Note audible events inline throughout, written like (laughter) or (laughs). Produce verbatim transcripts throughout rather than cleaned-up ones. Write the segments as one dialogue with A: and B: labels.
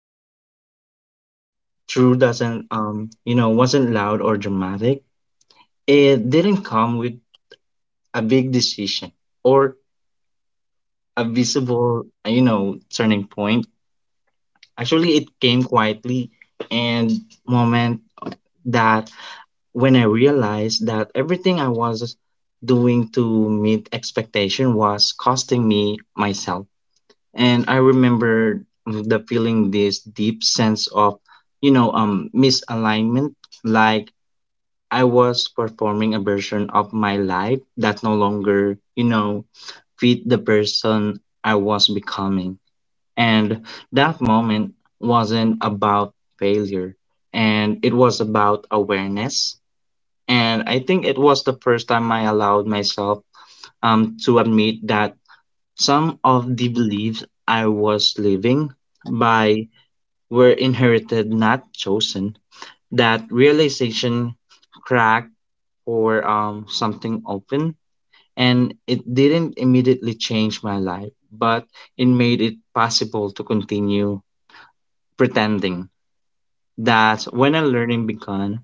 A: the word true doesn't, um, you know, wasn't loud or dramatic. It didn't come with a big decision or a visible, uh, you know, turning point. Actually, it came quietly and moment that when I realized that everything I was doing to meet expectation was costing me myself. And I remember the feeling this deep sense of, you know, um, misalignment. Like I was performing a version of my life that no longer, you know, fit the person I was becoming. And that moment wasn't about failure, and it was about awareness. And I think it was the first time I allowed myself um, to admit that some of the beliefs I was living by were inherited, not chosen. That realization cracked or um, something open, and it didn't immediately change my life, but it made it possible to continue pretending. That when a learning began,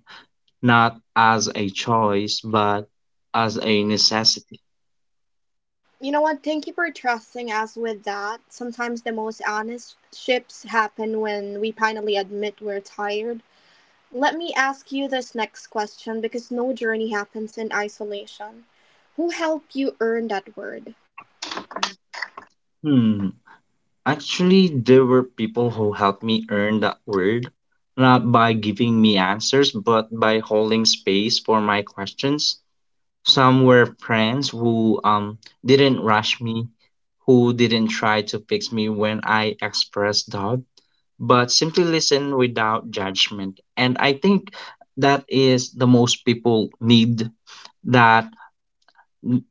A: not as a choice, but as a necessity.
B: You know what? Thank you for trusting us with that. Sometimes the most honest ships happen when we finally admit we're tired. Let me ask you this next question because no journey happens in isolation. Who helped you earn that word?
A: Hmm. Actually, there were people who helped me earn that word, not by giving me answers, but by holding space for my questions. Some were friends who um didn't rush me, who didn't try to fix me when I expressed doubt, but simply listened without judgment. And I think that is the most people need that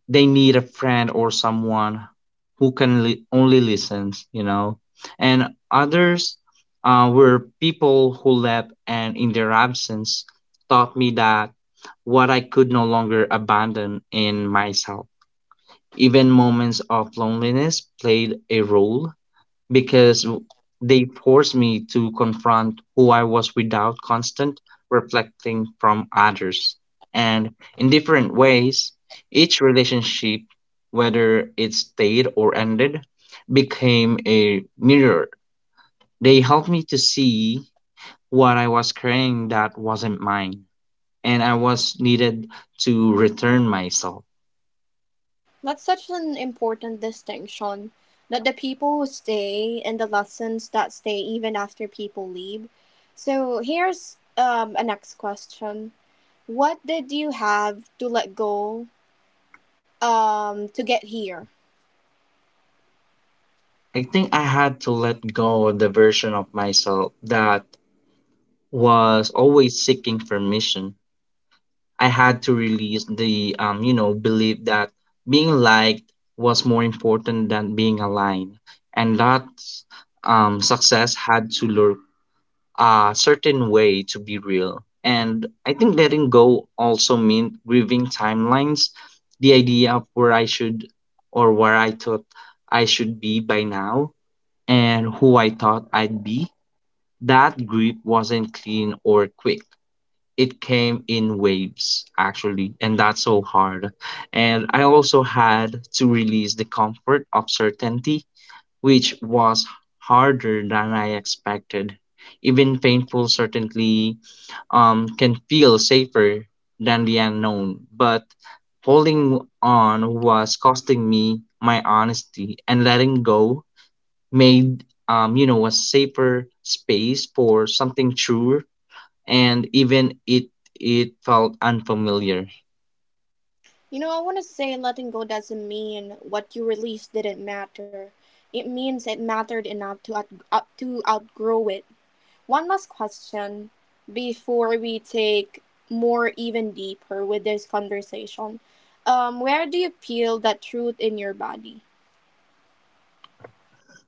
A: they need a friend or someone who can li- only listen you know And others uh, were people who left and in their absence taught me that what I could no longer abandon in myself. Even moments of loneliness played a role because w- they forced me to confront who I was without constant reflecting from others. And in different ways, each relationship, whether it stayed or ended, became a mirror. They helped me to see what I was carrying that wasn't mine, and I was needed to return myself.
B: That's such an important distinction that the people who stay and the lessons that stay even after people leave. So here's um, a next question. What did you have to let go um, to get here?
A: I think I had to let go of the version of myself that was always seeking permission. I had to release the um, you know belief that being liked was more important than being aligned, and that um, success had to look a certain way to be real. And I think letting go also meant grieving timelines, the idea of where I should or where I thought I should be by now, and who I thought I'd be. That grief wasn't clean or quick. It came in waves actually and that's so hard. And I also had to release the comfort of certainty, which was harder than I expected. Even painful certainty um, can feel safer than the unknown, but holding on was costing me my honesty, and letting go made um, you know a safer space for something truer, and even it it felt unfamiliar.
B: You know, I want to say letting go doesn't mean what you released didn't matter. It means it mattered enough to, out- out- to outgrow it. One last question before we take more even deeper with this conversation. Um, where do you feel that truth in your body?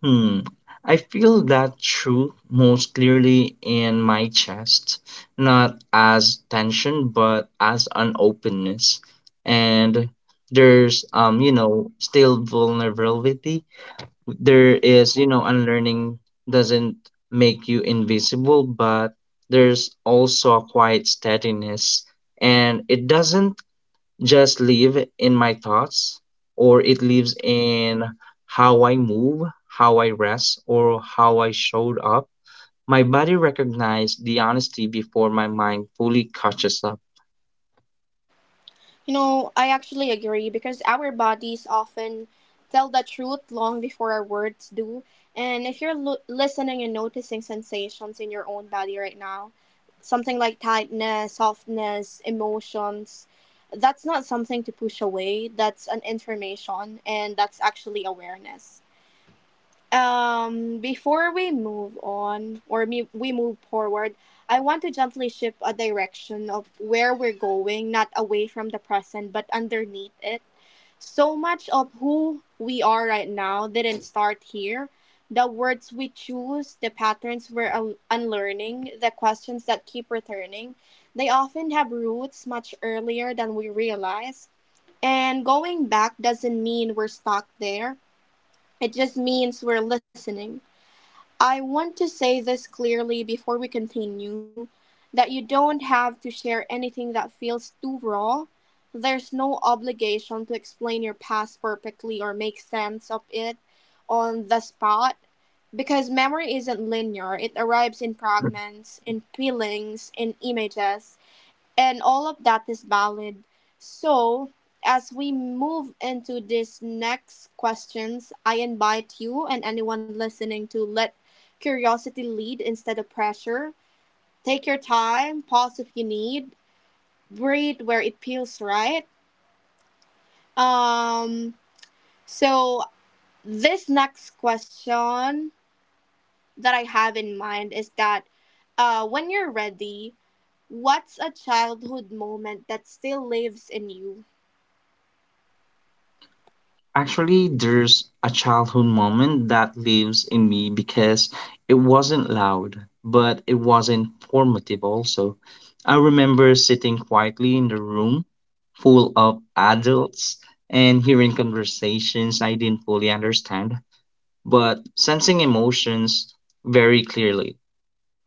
A: Hmm. I feel that truth most clearly in my chest, not as tension but as an openness. And there's um you know still vulnerability. There is you know unlearning doesn't make you invisible, but there's also a quiet steadiness, and it doesn't just live in my thoughts or it lives in how I move, how I rest, or how I showed up. My body recognized the honesty before my mind fully catches up.
B: You know, I actually agree because our bodies often tell the truth long before our words do. And if you're lo- listening and noticing sensations in your own body right now, something like tightness, softness, emotions, that's not something to push away. That's an information and that's actually awareness. Um, before we move on or me- we move forward, I want to gently shift a direction of where we're going, not away from the present, but underneath it. So much of who we are right now didn't start here. The words we choose, the patterns we're un- unlearning, the questions that keep returning, they often have roots much earlier than we realize. And going back doesn't mean we're stuck there, it just means we're listening. I want to say this clearly before we continue that you don't have to share anything that feels too raw. There's no obligation to explain your past perfectly or make sense of it on the spot because memory isn't linear. It arrives in fragments, in feelings, in images, and all of that is valid. So, as we move into these next questions, I invite you and anyone listening to let curiosity lead instead of pressure. Take your time, pause if you need, breathe where it feels right. Um, so, this next question that I have in mind is that uh, when you're ready, what's a childhood moment that still lives in you?
A: Actually, there's a childhood moment that lives in me because it wasn't loud, but it was informative also. I remember sitting quietly in the room full of adults and hearing conversations I didn't fully understand, but sensing emotions very clearly.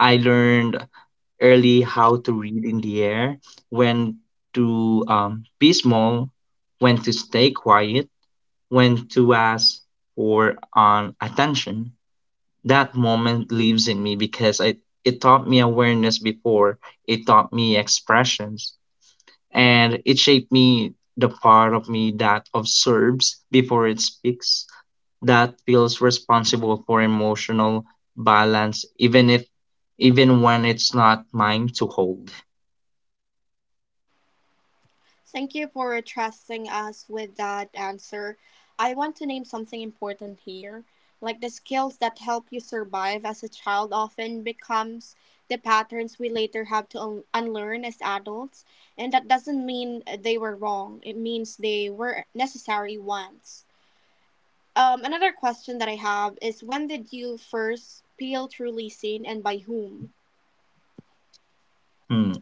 A: I learned early how to read in the air, when to um, be small, when to stay quiet, when to ask for um, attention. That moment lives in me because it, it taught me awareness before, it taught me expressions, and it shaped me the part of me that observes before it speaks, that feels responsible for emotional balance even if even when it's not mine to hold.
B: Thank you for trusting us with that answer. I want to name something important here. Like the skills that help you survive as a child often becomes the patterns we later have to un- unlearn as adults, and that doesn't mean they were wrong. It means they were necessary once. Um, another question that I have is when did you first feel truly seen and by whom?
A: Hmm.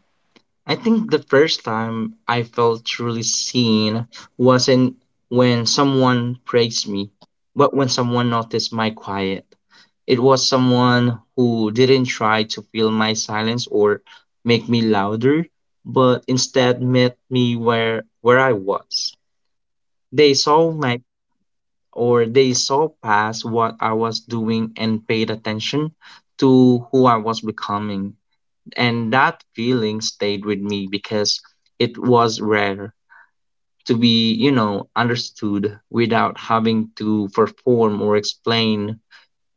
A: I think the first time I felt truly seen wasn't when someone praised me, but when someone noticed my quiet. It was someone who didn't try to fill my silence or make me louder, but instead met me where where I was. They saw my or they saw past what I was doing and paid attention to who I was becoming. And that feeling stayed with me because it was rare to be, you know, understood without having to perform or explain.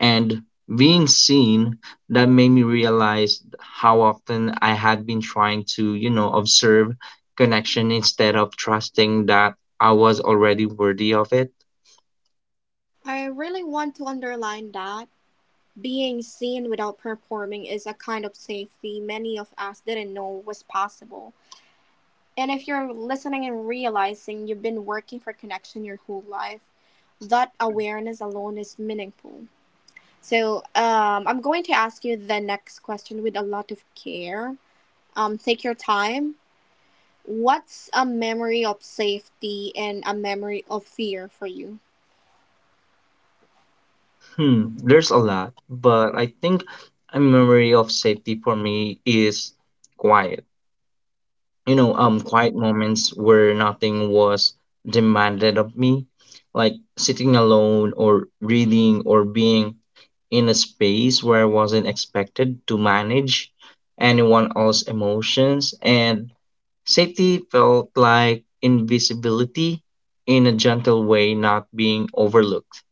A: And being seen, that made me realize how often I had been trying to, you know, observe connection instead of trusting that I was already worthy of it.
B: I really want to underline that being seen without performing is a kind of safety many of us didn't know was possible. And if you're listening and realizing you've been working for connection your whole life, that awareness alone is meaningful. So, um, I'm going to ask you the next question with a lot of care. Um, take your time. What's a memory of safety and a memory of fear for you?
A: Hmm, there's a lot, but I think a memory of safety for me is quiet. You know, um, quiet moments where nothing was demanded of me, like sitting alone or reading or being in a space where I wasn't expected to manage anyone else's emotions. And safety felt like invisibility in a gentle way, not being overlooked,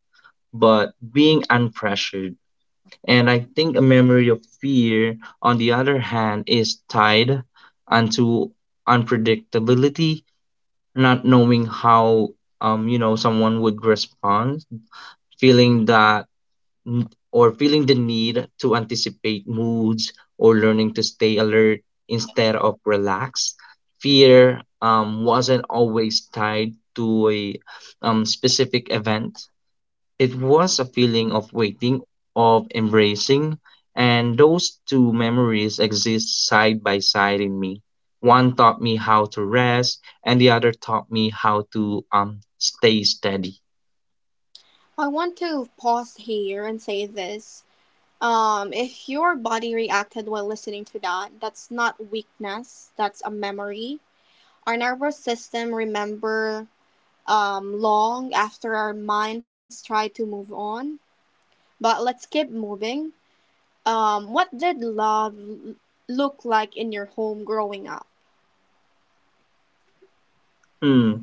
A: but being unpressured. And I think a memory of fear, on the other hand, is tied onto unpredictability, not knowing how um, you know someone would respond, feeling that n- or feeling the need to anticipate moods or learning to stay alert instead of relaxed. Fear um, wasn't always tied to a um, specific event. It was a feeling of waiting, of embracing, and those two memories exist side by side in me. One taught me how to rest, and the other taught me how to um stay steady.
B: I want to pause here and say this. Um, if your body reacted while listening to that, that's not weakness, that's a memory. Our nervous system remember um, long after our minds try to move on. But let's keep moving. Um, what did love look like in your home growing up?
A: Hmm.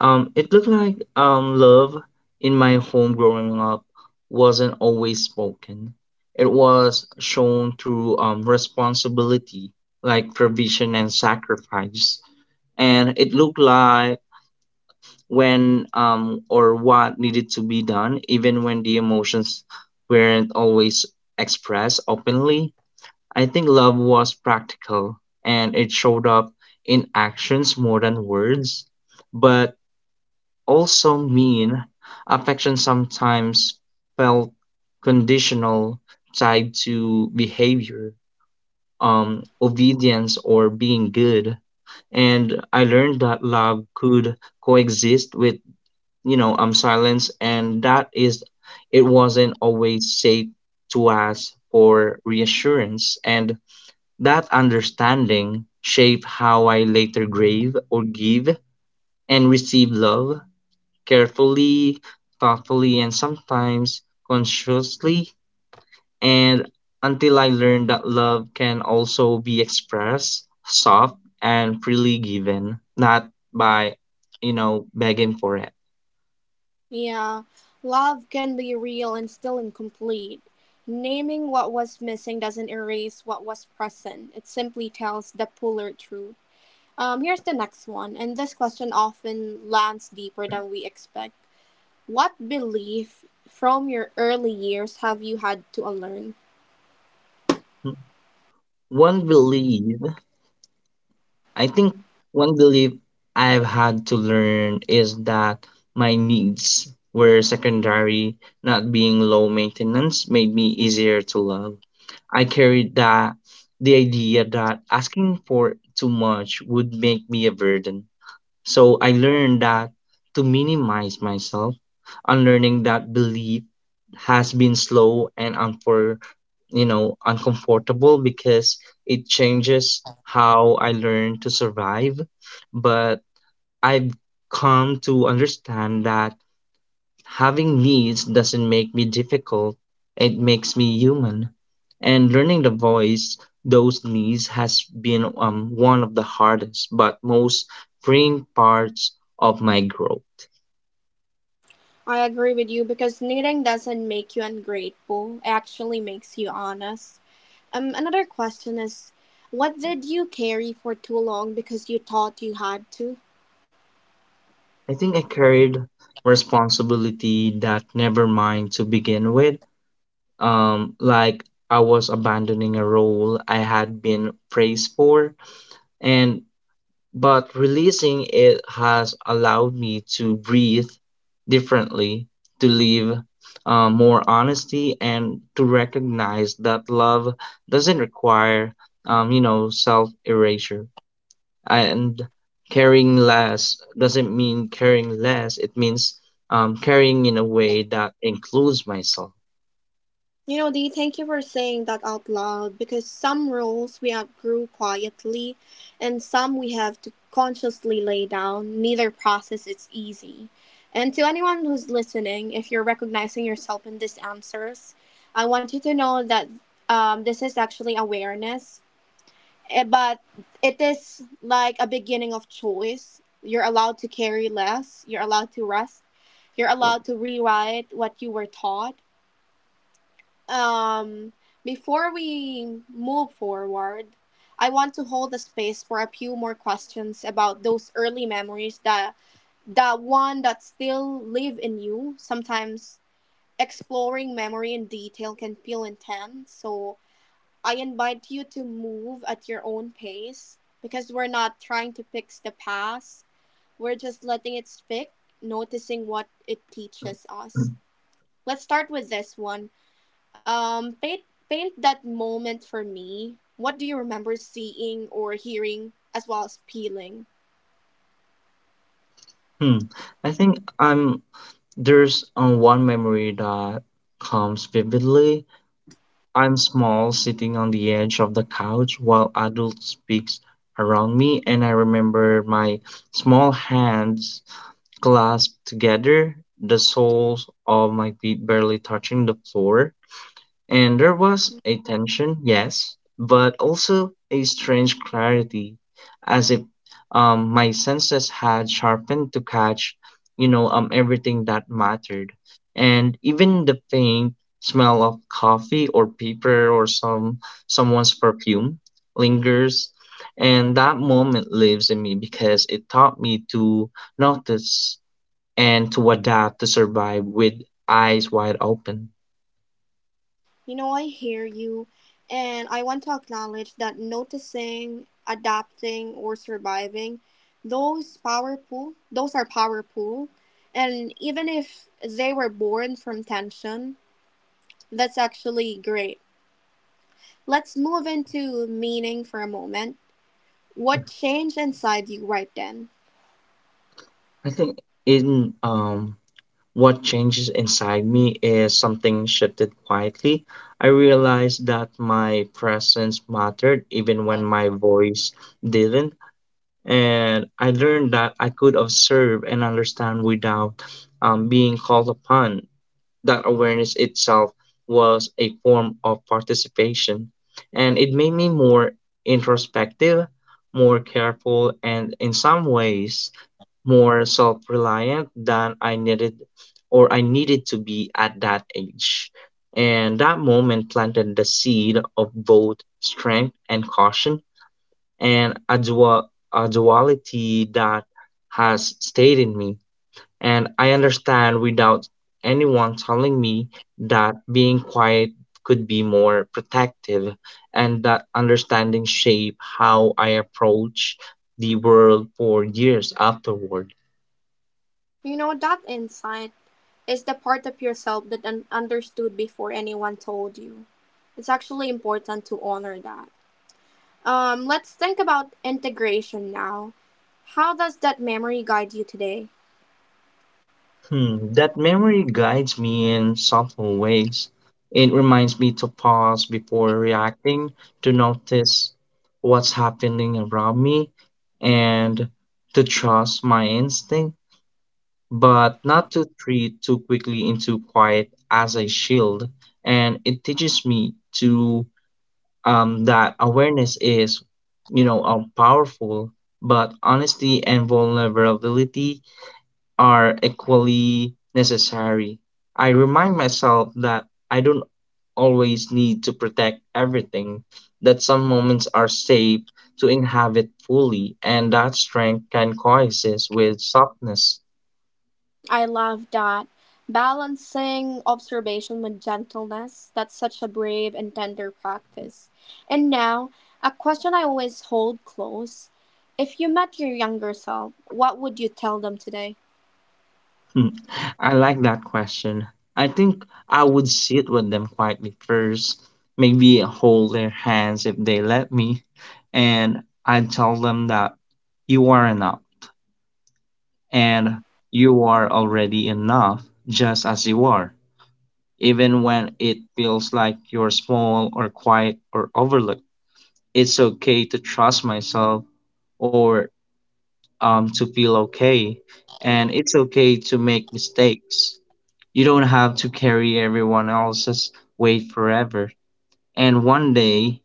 A: Um, it looked like um Love in my home growing up wasn't always spoken. It was shown through um responsibility, like provision and sacrifice. And it looked like when um, or what needed to be done, even when the emotions weren't always expressed openly. I think love was practical and it showed up in actions more than words, but also mean affection sometimes felt conditional, tied to behavior, um, obedience, or being good. And I learned that love could coexist with you know um silence and that is it wasn't always safe to ask for reassurance, and that understanding shaped how I later grave or give and receive love carefully, thoughtfully, and sometimes consciously, and until I learned that love can also be expressed soft and freely given, not by you know begging for it.
B: Yeah, love can be real and still incomplete. Naming what was missing doesn't erase what was present. It simply tells the fuller truth. Um, here's the next one, and this question often lands deeper than we expect. What belief from your early years have you had to unlearn?
A: one belief I think One belief I've had to learn is that my needs were secondary, not being low maintenance made me easier to love. I carried that the idea that asking for too much would make me a burden. So I learned that to minimize myself, unlearning that belief has been slow and unfor, you know, uncomfortable because it changes how I learn to survive. But I've come to understand that having needs doesn't make me difficult, it makes me human. And learning the voice those needs has been um, one of the hardest but most freeing parts of my growth.
B: I agree with you because knitting doesn't make you ungrateful, it actually makes you honest. Um, another question is, what did you carry for too long because you thought you had to?
A: I think I carried responsibility that never mine to begin with. Um, like I was abandoning a role I had been praised for, and but releasing it has allowed me to breathe differently, to live uh, more honesty, and to recognize that love doesn't require, um, you know, self erasure. And caring less doesn't mean caring less, it means um, caring in a way that includes myself.
B: You know, Dee, thank you for saying that out loud because some rules we outgrew quietly and some we have to consciously lay down. Neither process is easy. And to anyone who's listening, if you're recognizing yourself in these answers, I want you to know that um, this is actually awareness, eh, but it is like a beginning of choice. You're allowed to carry less, you're allowed to rest, you're allowed to rewrite what you were taught. um, Before we move forward, I want to hold a space for a few more questions about those early memories, the the one that still live in you. Sometimes exploring memory in detail can feel intense, so I invite you to move at your own pace because we're not trying to fix the past. We're just letting it speak, noticing what it teaches us. Let's start with this one. Um, paint paint that moment for me. What do you remember seeing or hearing as well as feeling?
A: Hmm. I think I'm There's um, one memory that comes vividly. I'm small, sitting on the edge of the couch while adult speaks around me, and I remember my small hands clasped together, the soles of my feet barely touching the floor. And there
B: Mhm.
A: was a tension, yes, but also a strange clarity, as if um, my senses had sharpened to catch, you know, um, everything that mattered. And even the faint smell of coffee or paper or some someone's perfume lingers. And that moment lives in me because it taught me to notice and to adapt to survive with eyes wide open.
B: You know, I hear you, and I want to acknowledge that noticing, adapting, or surviving, those powerful, those are powerful, and even if they were born from tension, that's actually great. Let's move into meaning for a moment. What changed inside you right then?
A: I think in um, what changes inside me is Something shifted quietly. I realized that my presence mattered even when my voice didn't. And I learned that I could observe and understand without um, being called upon. That awareness itself was a form of participation. And it made me more introspective, more careful, and in some ways, more self-reliant than I needed or I needed to be at that age. And that moment planted the seed of both strength and caution, and a, dual, a duality that has stayed in me. And I understand without anyone telling me that being quiet could be more protective, and that understanding shaped how I approach the world for years afterward.
B: You know, that insight is the part of yourself that un- understood before anyone told you. It's actually important to honor that. Um, let's think about integration now. How does that memory guide you today?
A: Hmm, that memory guides me in subtle ways. It reminds me to pause before reacting, to notice what's happening around me, and to trust my instinct, but not to treat too quickly into quiet as a shield. And it teaches me to um, that awareness is, you know, um, powerful, but honesty and vulnerability are equally necessary. I remind myself that I don't always need to protect everything, that some moments are safe to inhabit fully, and that strength can coexist with softness.
B: I love that. Balancing observation with gentleness. That's such a brave and tender practice. And now, a question I always hold close. If you met your younger self, what would you tell them today?
A: Hmm, I like that question. I think I would sit with them quietly first, maybe hold their hands if they let me, and I'd tell them that you are enough and you are already enough just as you are, even when it feels like you're small or quiet or overlooked. It's okay to trust myself or um, to feel okay, and it's okay to make mistakes. You don't have to carry everyone else's weight forever. And one day,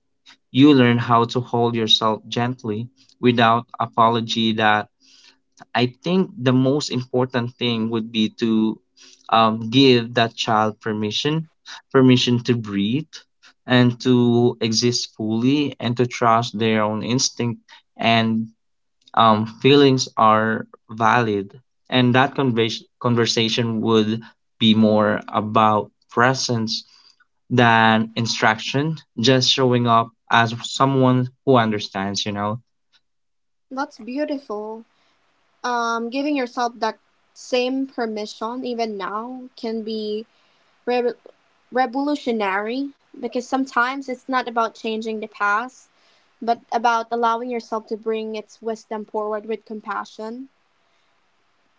A: you learn how to hold yourself gently without apology that I think the most important thing would be to um, give that child permission, permission to breathe and to exist fully and to trust their own instinct and um, feelings are valid. And that convers conversation would be more about presence than instruction, just showing up as someone who understands, you know.
B: That's beautiful. Um, giving yourself that same permission even now can be re- revolutionary, because sometimes it's not about changing the past but about allowing yourself to bring its wisdom forward with compassion.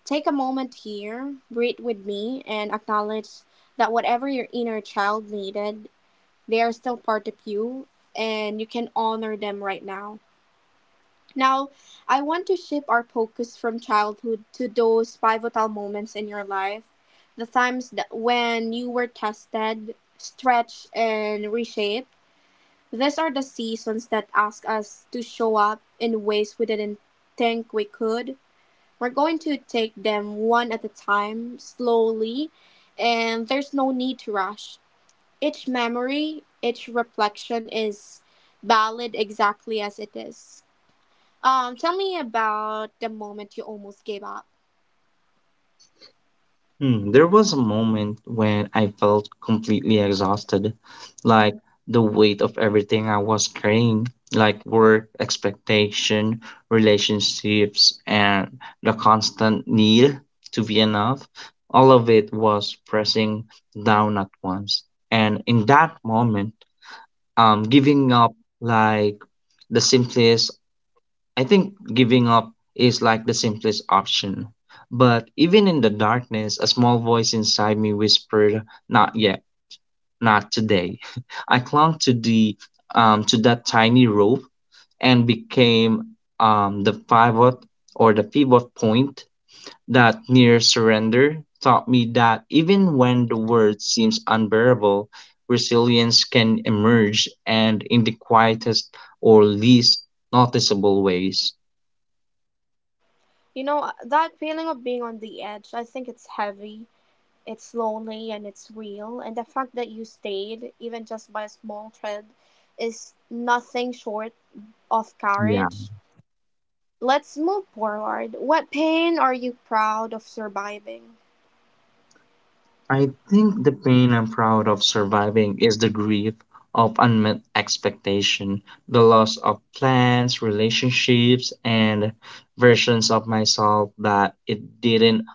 B: Take a moment here, breathe with me and acknowledge that whatever your inner child needed, they are still part of you and you can honor them right now. Now, I want to shift our focus from childhood to those pivotal moments in your life, the times that when you were tested, stretched, and reshaped. These are the seasons that ask us to show up in ways we didn't think we could. We're going to take them one at a time, slowly, and there's no need to rush. Each memory, each reflection is valid exactly as it is. Um, tell me about the moment you almost gave up.
A: Hmm, there was a moment when I felt completely exhausted, like the weight of everything I was carrying, like work, expectation, relationships, and the constant need to be enough. All of it was pressing down at once. And in that moment, um, giving up like the simplest I think giving up is like the simplest option. But even in the darkness, a small voice inside me whispered, "Not yet, not today." (laughs) I clung to the um, to that tiny rope and became um, the pivot or the pivot point that near surrender taught me that even when the world seems unbearable, resilience can emerge and in the quietest or least noticeable ways.
B: You know, uh, that feeling of being on the edge, I think it's heavy, it's lonely, and it's real. And the fact that you stayed, even just by a small thread, is nothing short of
A: Yeah.
B: courage. Let's move forward. What pain are you proud of surviving?
A: I think the pain I'm proud of surviving is the grief of unmet expectation, the loss of plans, relationships, and versions of myself that it didn't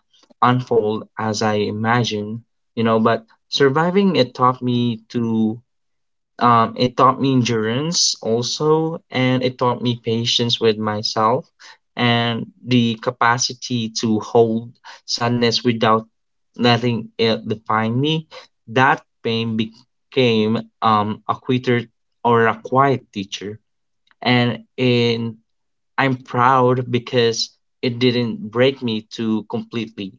A: unfold as I imagined, you know. But surviving it taught me to um, it taught me endurance also, and it taught me patience with myself and the capacity to hold sadness without letting it define me. That pain became um, a quitter or a quiet teacher. And in, I'm proud because it didn't break me too completely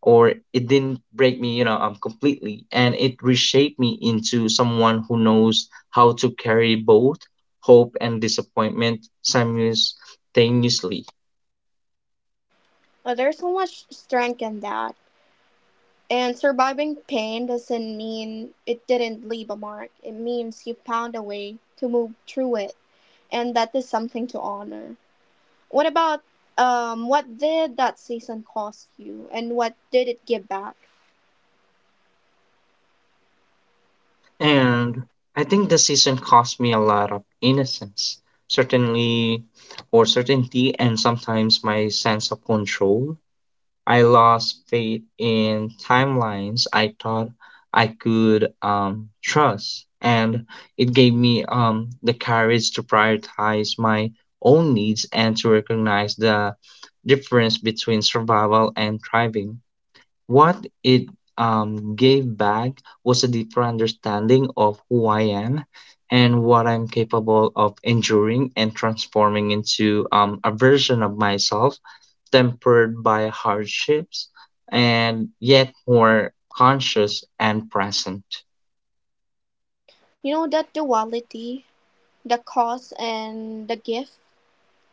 A: or it didn't break me, you know, um, completely, and it reshaped me into someone who knows how to carry both hope and disappointment simultaneously.
B: Uh, there's so much strength in that. And surviving pain doesn't mean it didn't leave a mark, it means you found a way to move through it, and that is something to honor. What about, um what did that season cost you and what did it give back?
A: And I think the season cost me a lot of innocence, certainly, or certainty, and sometimes my sense of control I lost faith in timelines I thought I could um, trust, and it gave me um, the courage to prioritize my own needs and to recognize the difference between survival and thriving. What it um, gave back was a deeper understanding of who I am and what I'm capable of enduring and transforming into um, a version of myself tempered by hardships and yet more conscious and present.
B: You know that duality, the cost and the gift,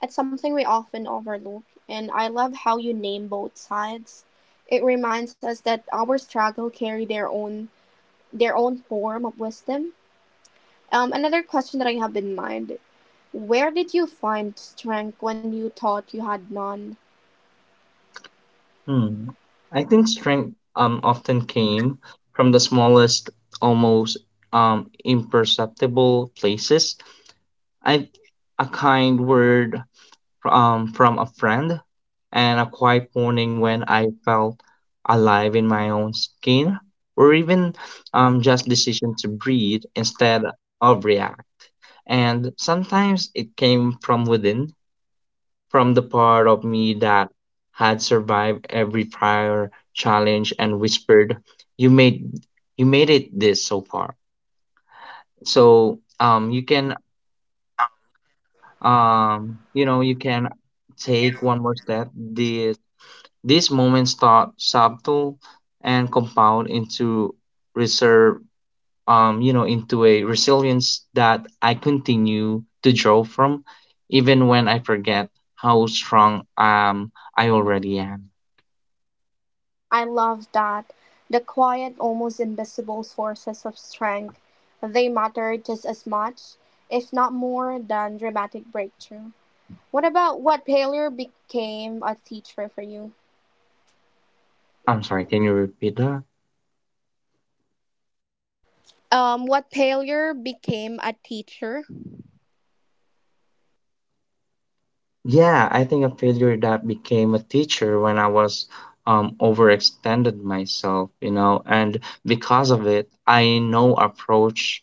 B: that's something we often overlook, and I love how you name both sides. It reminds us that our struggle carry their own their own form of wisdom. Um another question that I have in mind, where did you find strength when you thought you had none?
A: Hmm. I think strength um, often came from the smallest, almost um, imperceptible places. I, a kind word um, from a friend, and a quiet morning when I felt alive in my own skin, or even um, just decision to breathe instead of react. And sometimes it came from within, from the part of me that had survived every prior challenge and whispered, "You made you made it this so far." So um, you can um, you know you can take one more step. This These moments start subtle and compound into reserve, um, you know, into a resilience that I continue to draw from, even when I forget how strong um I already am.
B: I love that. The quiet, almost invisible sources of strength. They matter just as much, if not more, than dramatic breakthrough. What about, what failure became a teacher for you?
A: I'm sorry, can you repeat that?
B: Um, what failure became a teacher?
A: Yeah, I think a failure that became a teacher when I was um overextended myself, you know, and because of it, I know approach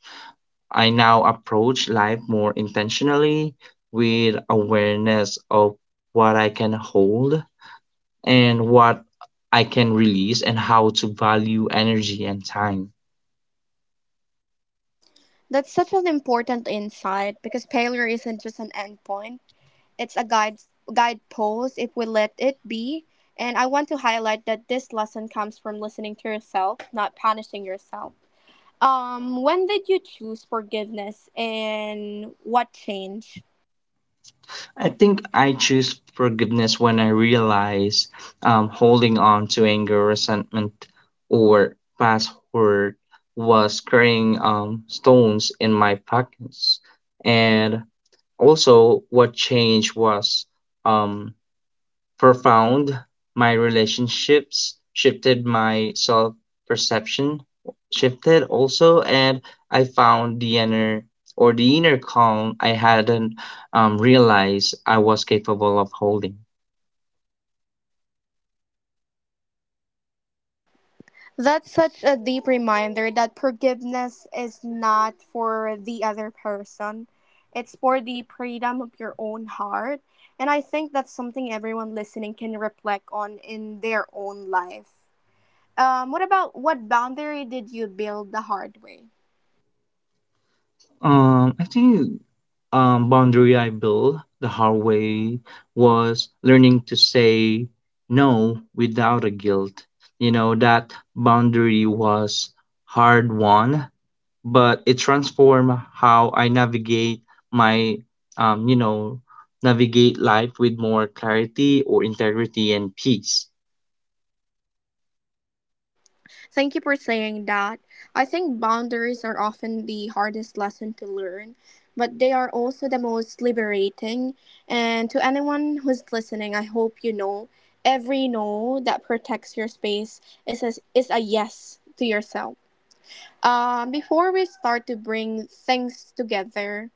A: I now approach life more intentionally with awareness of what I can hold and what I can release and how to value energy and time.
B: That's such an important insight because failure isn't just an endpoint. It's a guide guidepost if we let it be. And I want to highlight that this lesson comes from listening to yourself, not punishing yourself. Um, when did you choose forgiveness and what changed?
A: I think I choose forgiveness when I realize um, holding on to anger, resentment, or past hurt was carrying um, stones in my pockets. And also, what changed was um, profound. My relationships shifted, my self perception shifted also, and I found the inner or the inner calm I hadn't um, realized I was capable of holding.
B: That's such a deep reminder that forgiveness is not for the other person. It's for the freedom of your own heart. And I think that's something everyone listening can reflect on in their own life. Um, what about, what boundary did you build the hard way?
A: Um, I think um, boundary I built the hard way was learning to say no without a guilt. You know, that boundary was hard won but it transformed how I navigate my, um, you know, navigate life with more clarity or integrity and peace.
B: Thank you for saying that. I think boundaries are often the hardest lesson to learn, but they are also the most liberating. And to anyone who's listening, I hope you know every no that protects your space is a, is a yes to yourself. Um, before we start to bring things together,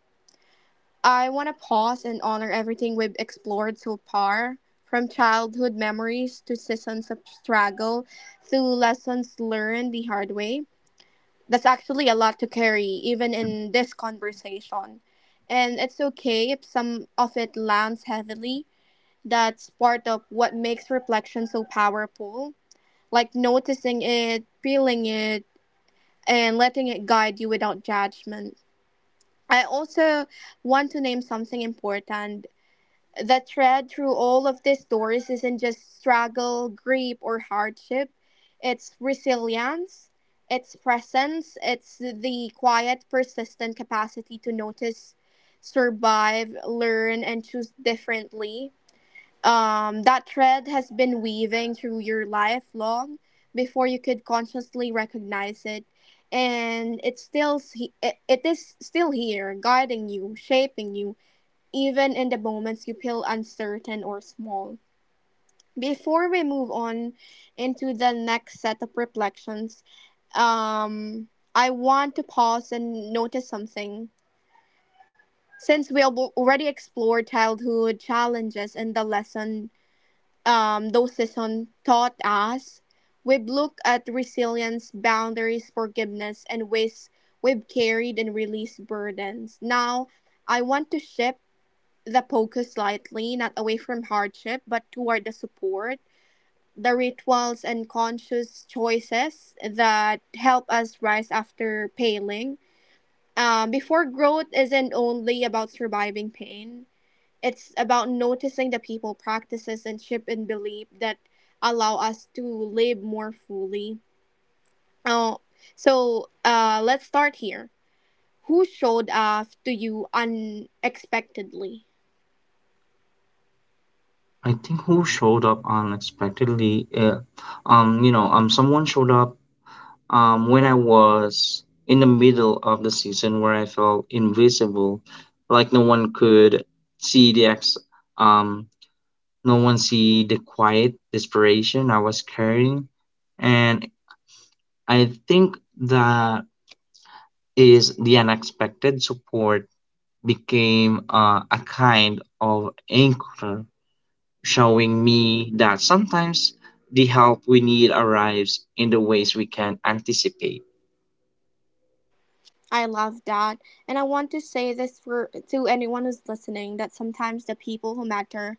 B: I want to pause and honor everything we've explored so far, from childhood memories to seasons of struggle through lessons learned the hard way. That's actually a lot to carry, even in this conversation. And it's okay if some of it lands heavily. That's part of what makes reflection so powerful. Like noticing it, feeling it, and letting it guide you without judgment. I also want to name something important. The thread through all of these stories isn't just struggle, grief, or hardship. It's resilience, it's presence, it's the quiet, persistent capacity to notice, survive, learn, and choose differently. Um, that thread has been weaving through your life long before you could consciously recognize it. And it's still, s- it, it is still here, guiding you, shaping you, even in the moments you feel uncertain or small. Before we move on into the next set of reflections, um, I want to pause and notice something. Since we have already explored childhood challenges and the lesson um, those seasons taught us, we've looked at resilience, boundaries, forgiveness, and ways we've carried and released burdens. Now, I want to shift the focus slightly, not away from hardship, but toward the support, the rituals and conscious choices that help us rise after paling. Um, before growth isn't only about surviving pain, it's about noticing the people practices and shift in belief that allow us to live more fully. Oh, so uh, let's start here. Who showed up to you unexpectedly?
A: I think who showed up unexpectedly, uh, um, you know, um, someone showed up um, when I was in the middle of the season where I felt invisible, like no one could see the ex, um, no one see the quiet desperation I was carrying, and I think that is the unexpected support became uh, a kind of anchor, showing me that sometimes the help we need arrives in the ways we can anticipate.
B: I love that. And I want to say this for to anyone who's listening that sometimes the people who matter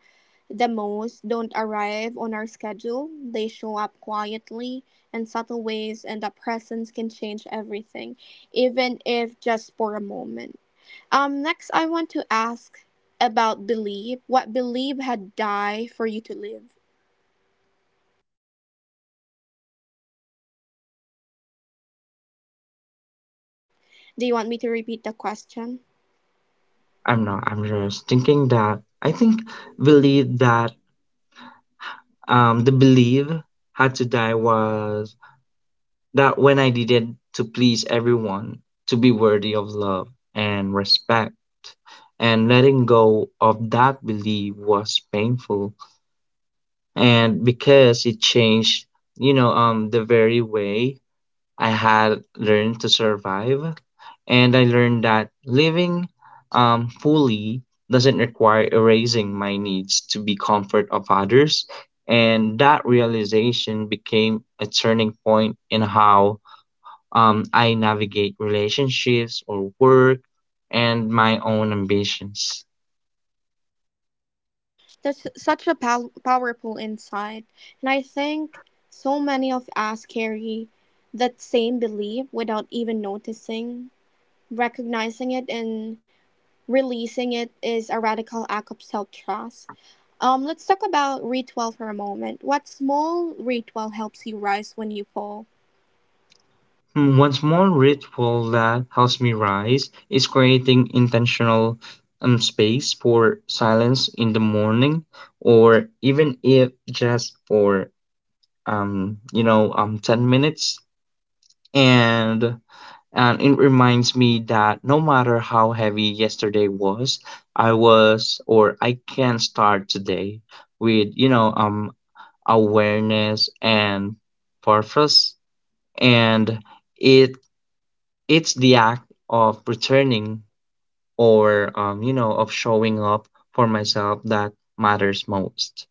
B: the most don't arrive on our schedule. They show up quietly in subtle ways and the presence can change everything, even if just for a moment. Um, next I want to ask about believe. What believe had die for you to live? Do you want me to repeat the question?
A: I'm not. I'm just thinking that I think believe that um, the belief had to die was that when I did it to please everyone, to be worthy of love and respect, and letting go of that belief was painful and because it changed you know um the very way I had learned to survive, and I learned that living um fully doesn't require erasing my needs to be comfort of others, and that realization became a turning point in how um I navigate relationships or work and my own ambitions.
B: There's such a pow- powerful insight, and I think so many of us carry that same belief without even noticing. Recognizing it and releasing it is a radical act of self trust. Um, let's talk about ritual for a moment. What small ritual helps you rise when you fall?
A: Hmm, one small ritual that helps me rise is creating intentional um, space for silence in the morning, or even if just for um, you know, um, ten minutes. And and it reminds me that no matter how heavy yesterday was, I was or I can start today with you know um awareness and purpose, and it it's the act of returning or, um, you know, of showing up for myself that matters most.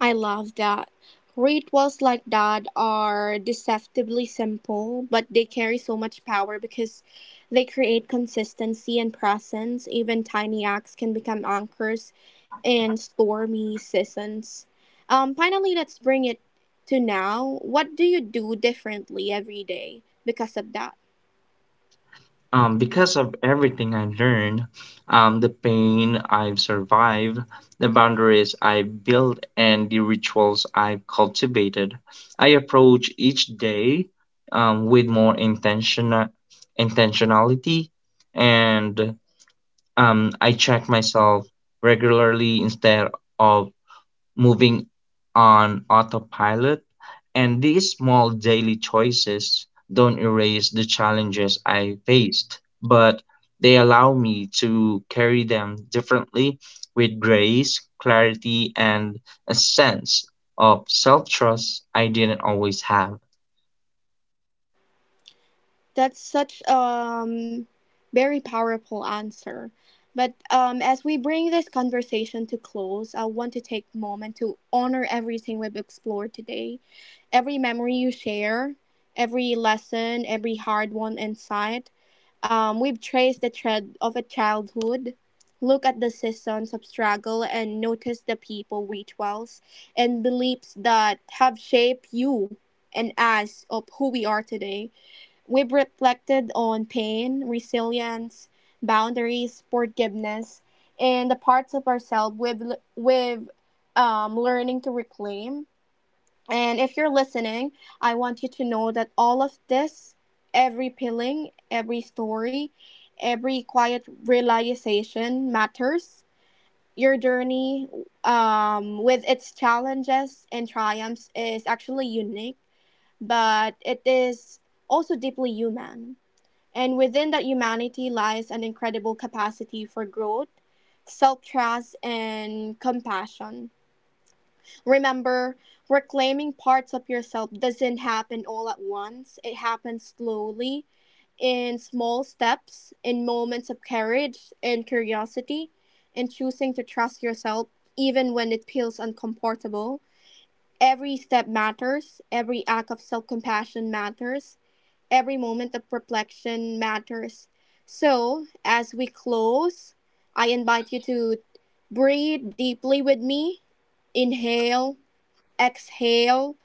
B: I love that. Rituals like that are deceptively simple, but they carry so much power because they create consistency and presence. Even tiny acts can become anchors in stormy seasons. Um, finally, let's bring it to now. What do you do differently every day because of that?
A: Um, because of everything I've learned, um, the pain I've survived, the boundaries I've built, and the rituals I've cultivated, I approach each day um, with more intention- intentionality and um, I check myself regularly instead of moving on autopilot, and these small daily choices don't erase the challenges I faced, but they allow me to carry them differently with grace, clarity, and a sense of self trust I didn't always have.
B: That's such um very powerful answer. But um, as we bring this conversation to close, I want to take a moment to honor everything we've explored today. Every memory you share, every lesson, every hard won insight. Um, we've traced the thread of a childhood, look at the seasons of struggle, and notice the people, rituals, and beliefs that have shaped you and us of who we are today. We've reflected on pain, resilience, boundaries, forgiveness, and the parts of ourselves we've we've um, learning to reclaim. And if you're listening, I want you to know that all of this, every peeling, every story, every quiet realization matters. Your journey, um, with its challenges and triumphs, is actually unique, but it is also deeply human. And within that humanity lies an incredible capacity for growth, self trust, and compassion. Remember, reclaiming parts of yourself doesn't happen all at once, it happens slowly, in small steps, in moments of courage and curiosity, and choosing to trust yourself even when it feels uncomfortable. Every step matters, every act of self compassion matters, every moment of reflection matters. So, as we close, I invite you to breathe deeply with me. Inhale, exhale,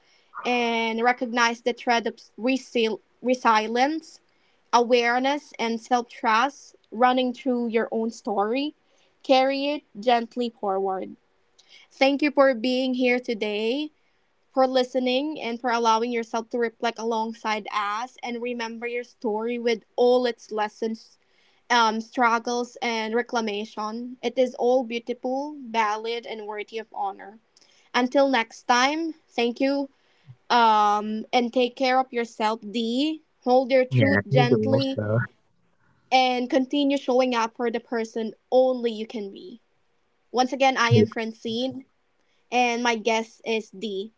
B: and recognize the thread of resil- resilience, awareness, and self trust running through your own story. Carry it gently forward. Thank you for being here today for listening and for allowing yourself to reflect alongside us and remember your story with all its lessons, um, struggles, and reclamation. It is all beautiful, valid, and worthy of honor. Until next time, thank you um, and take care of yourself, D. Hold your
A: Yeah, I
B: truth
A: think we
B: gently
A: also
B: (laughs) and continue showing up for the person only you can be. Once again, I am Francine and my guest is D.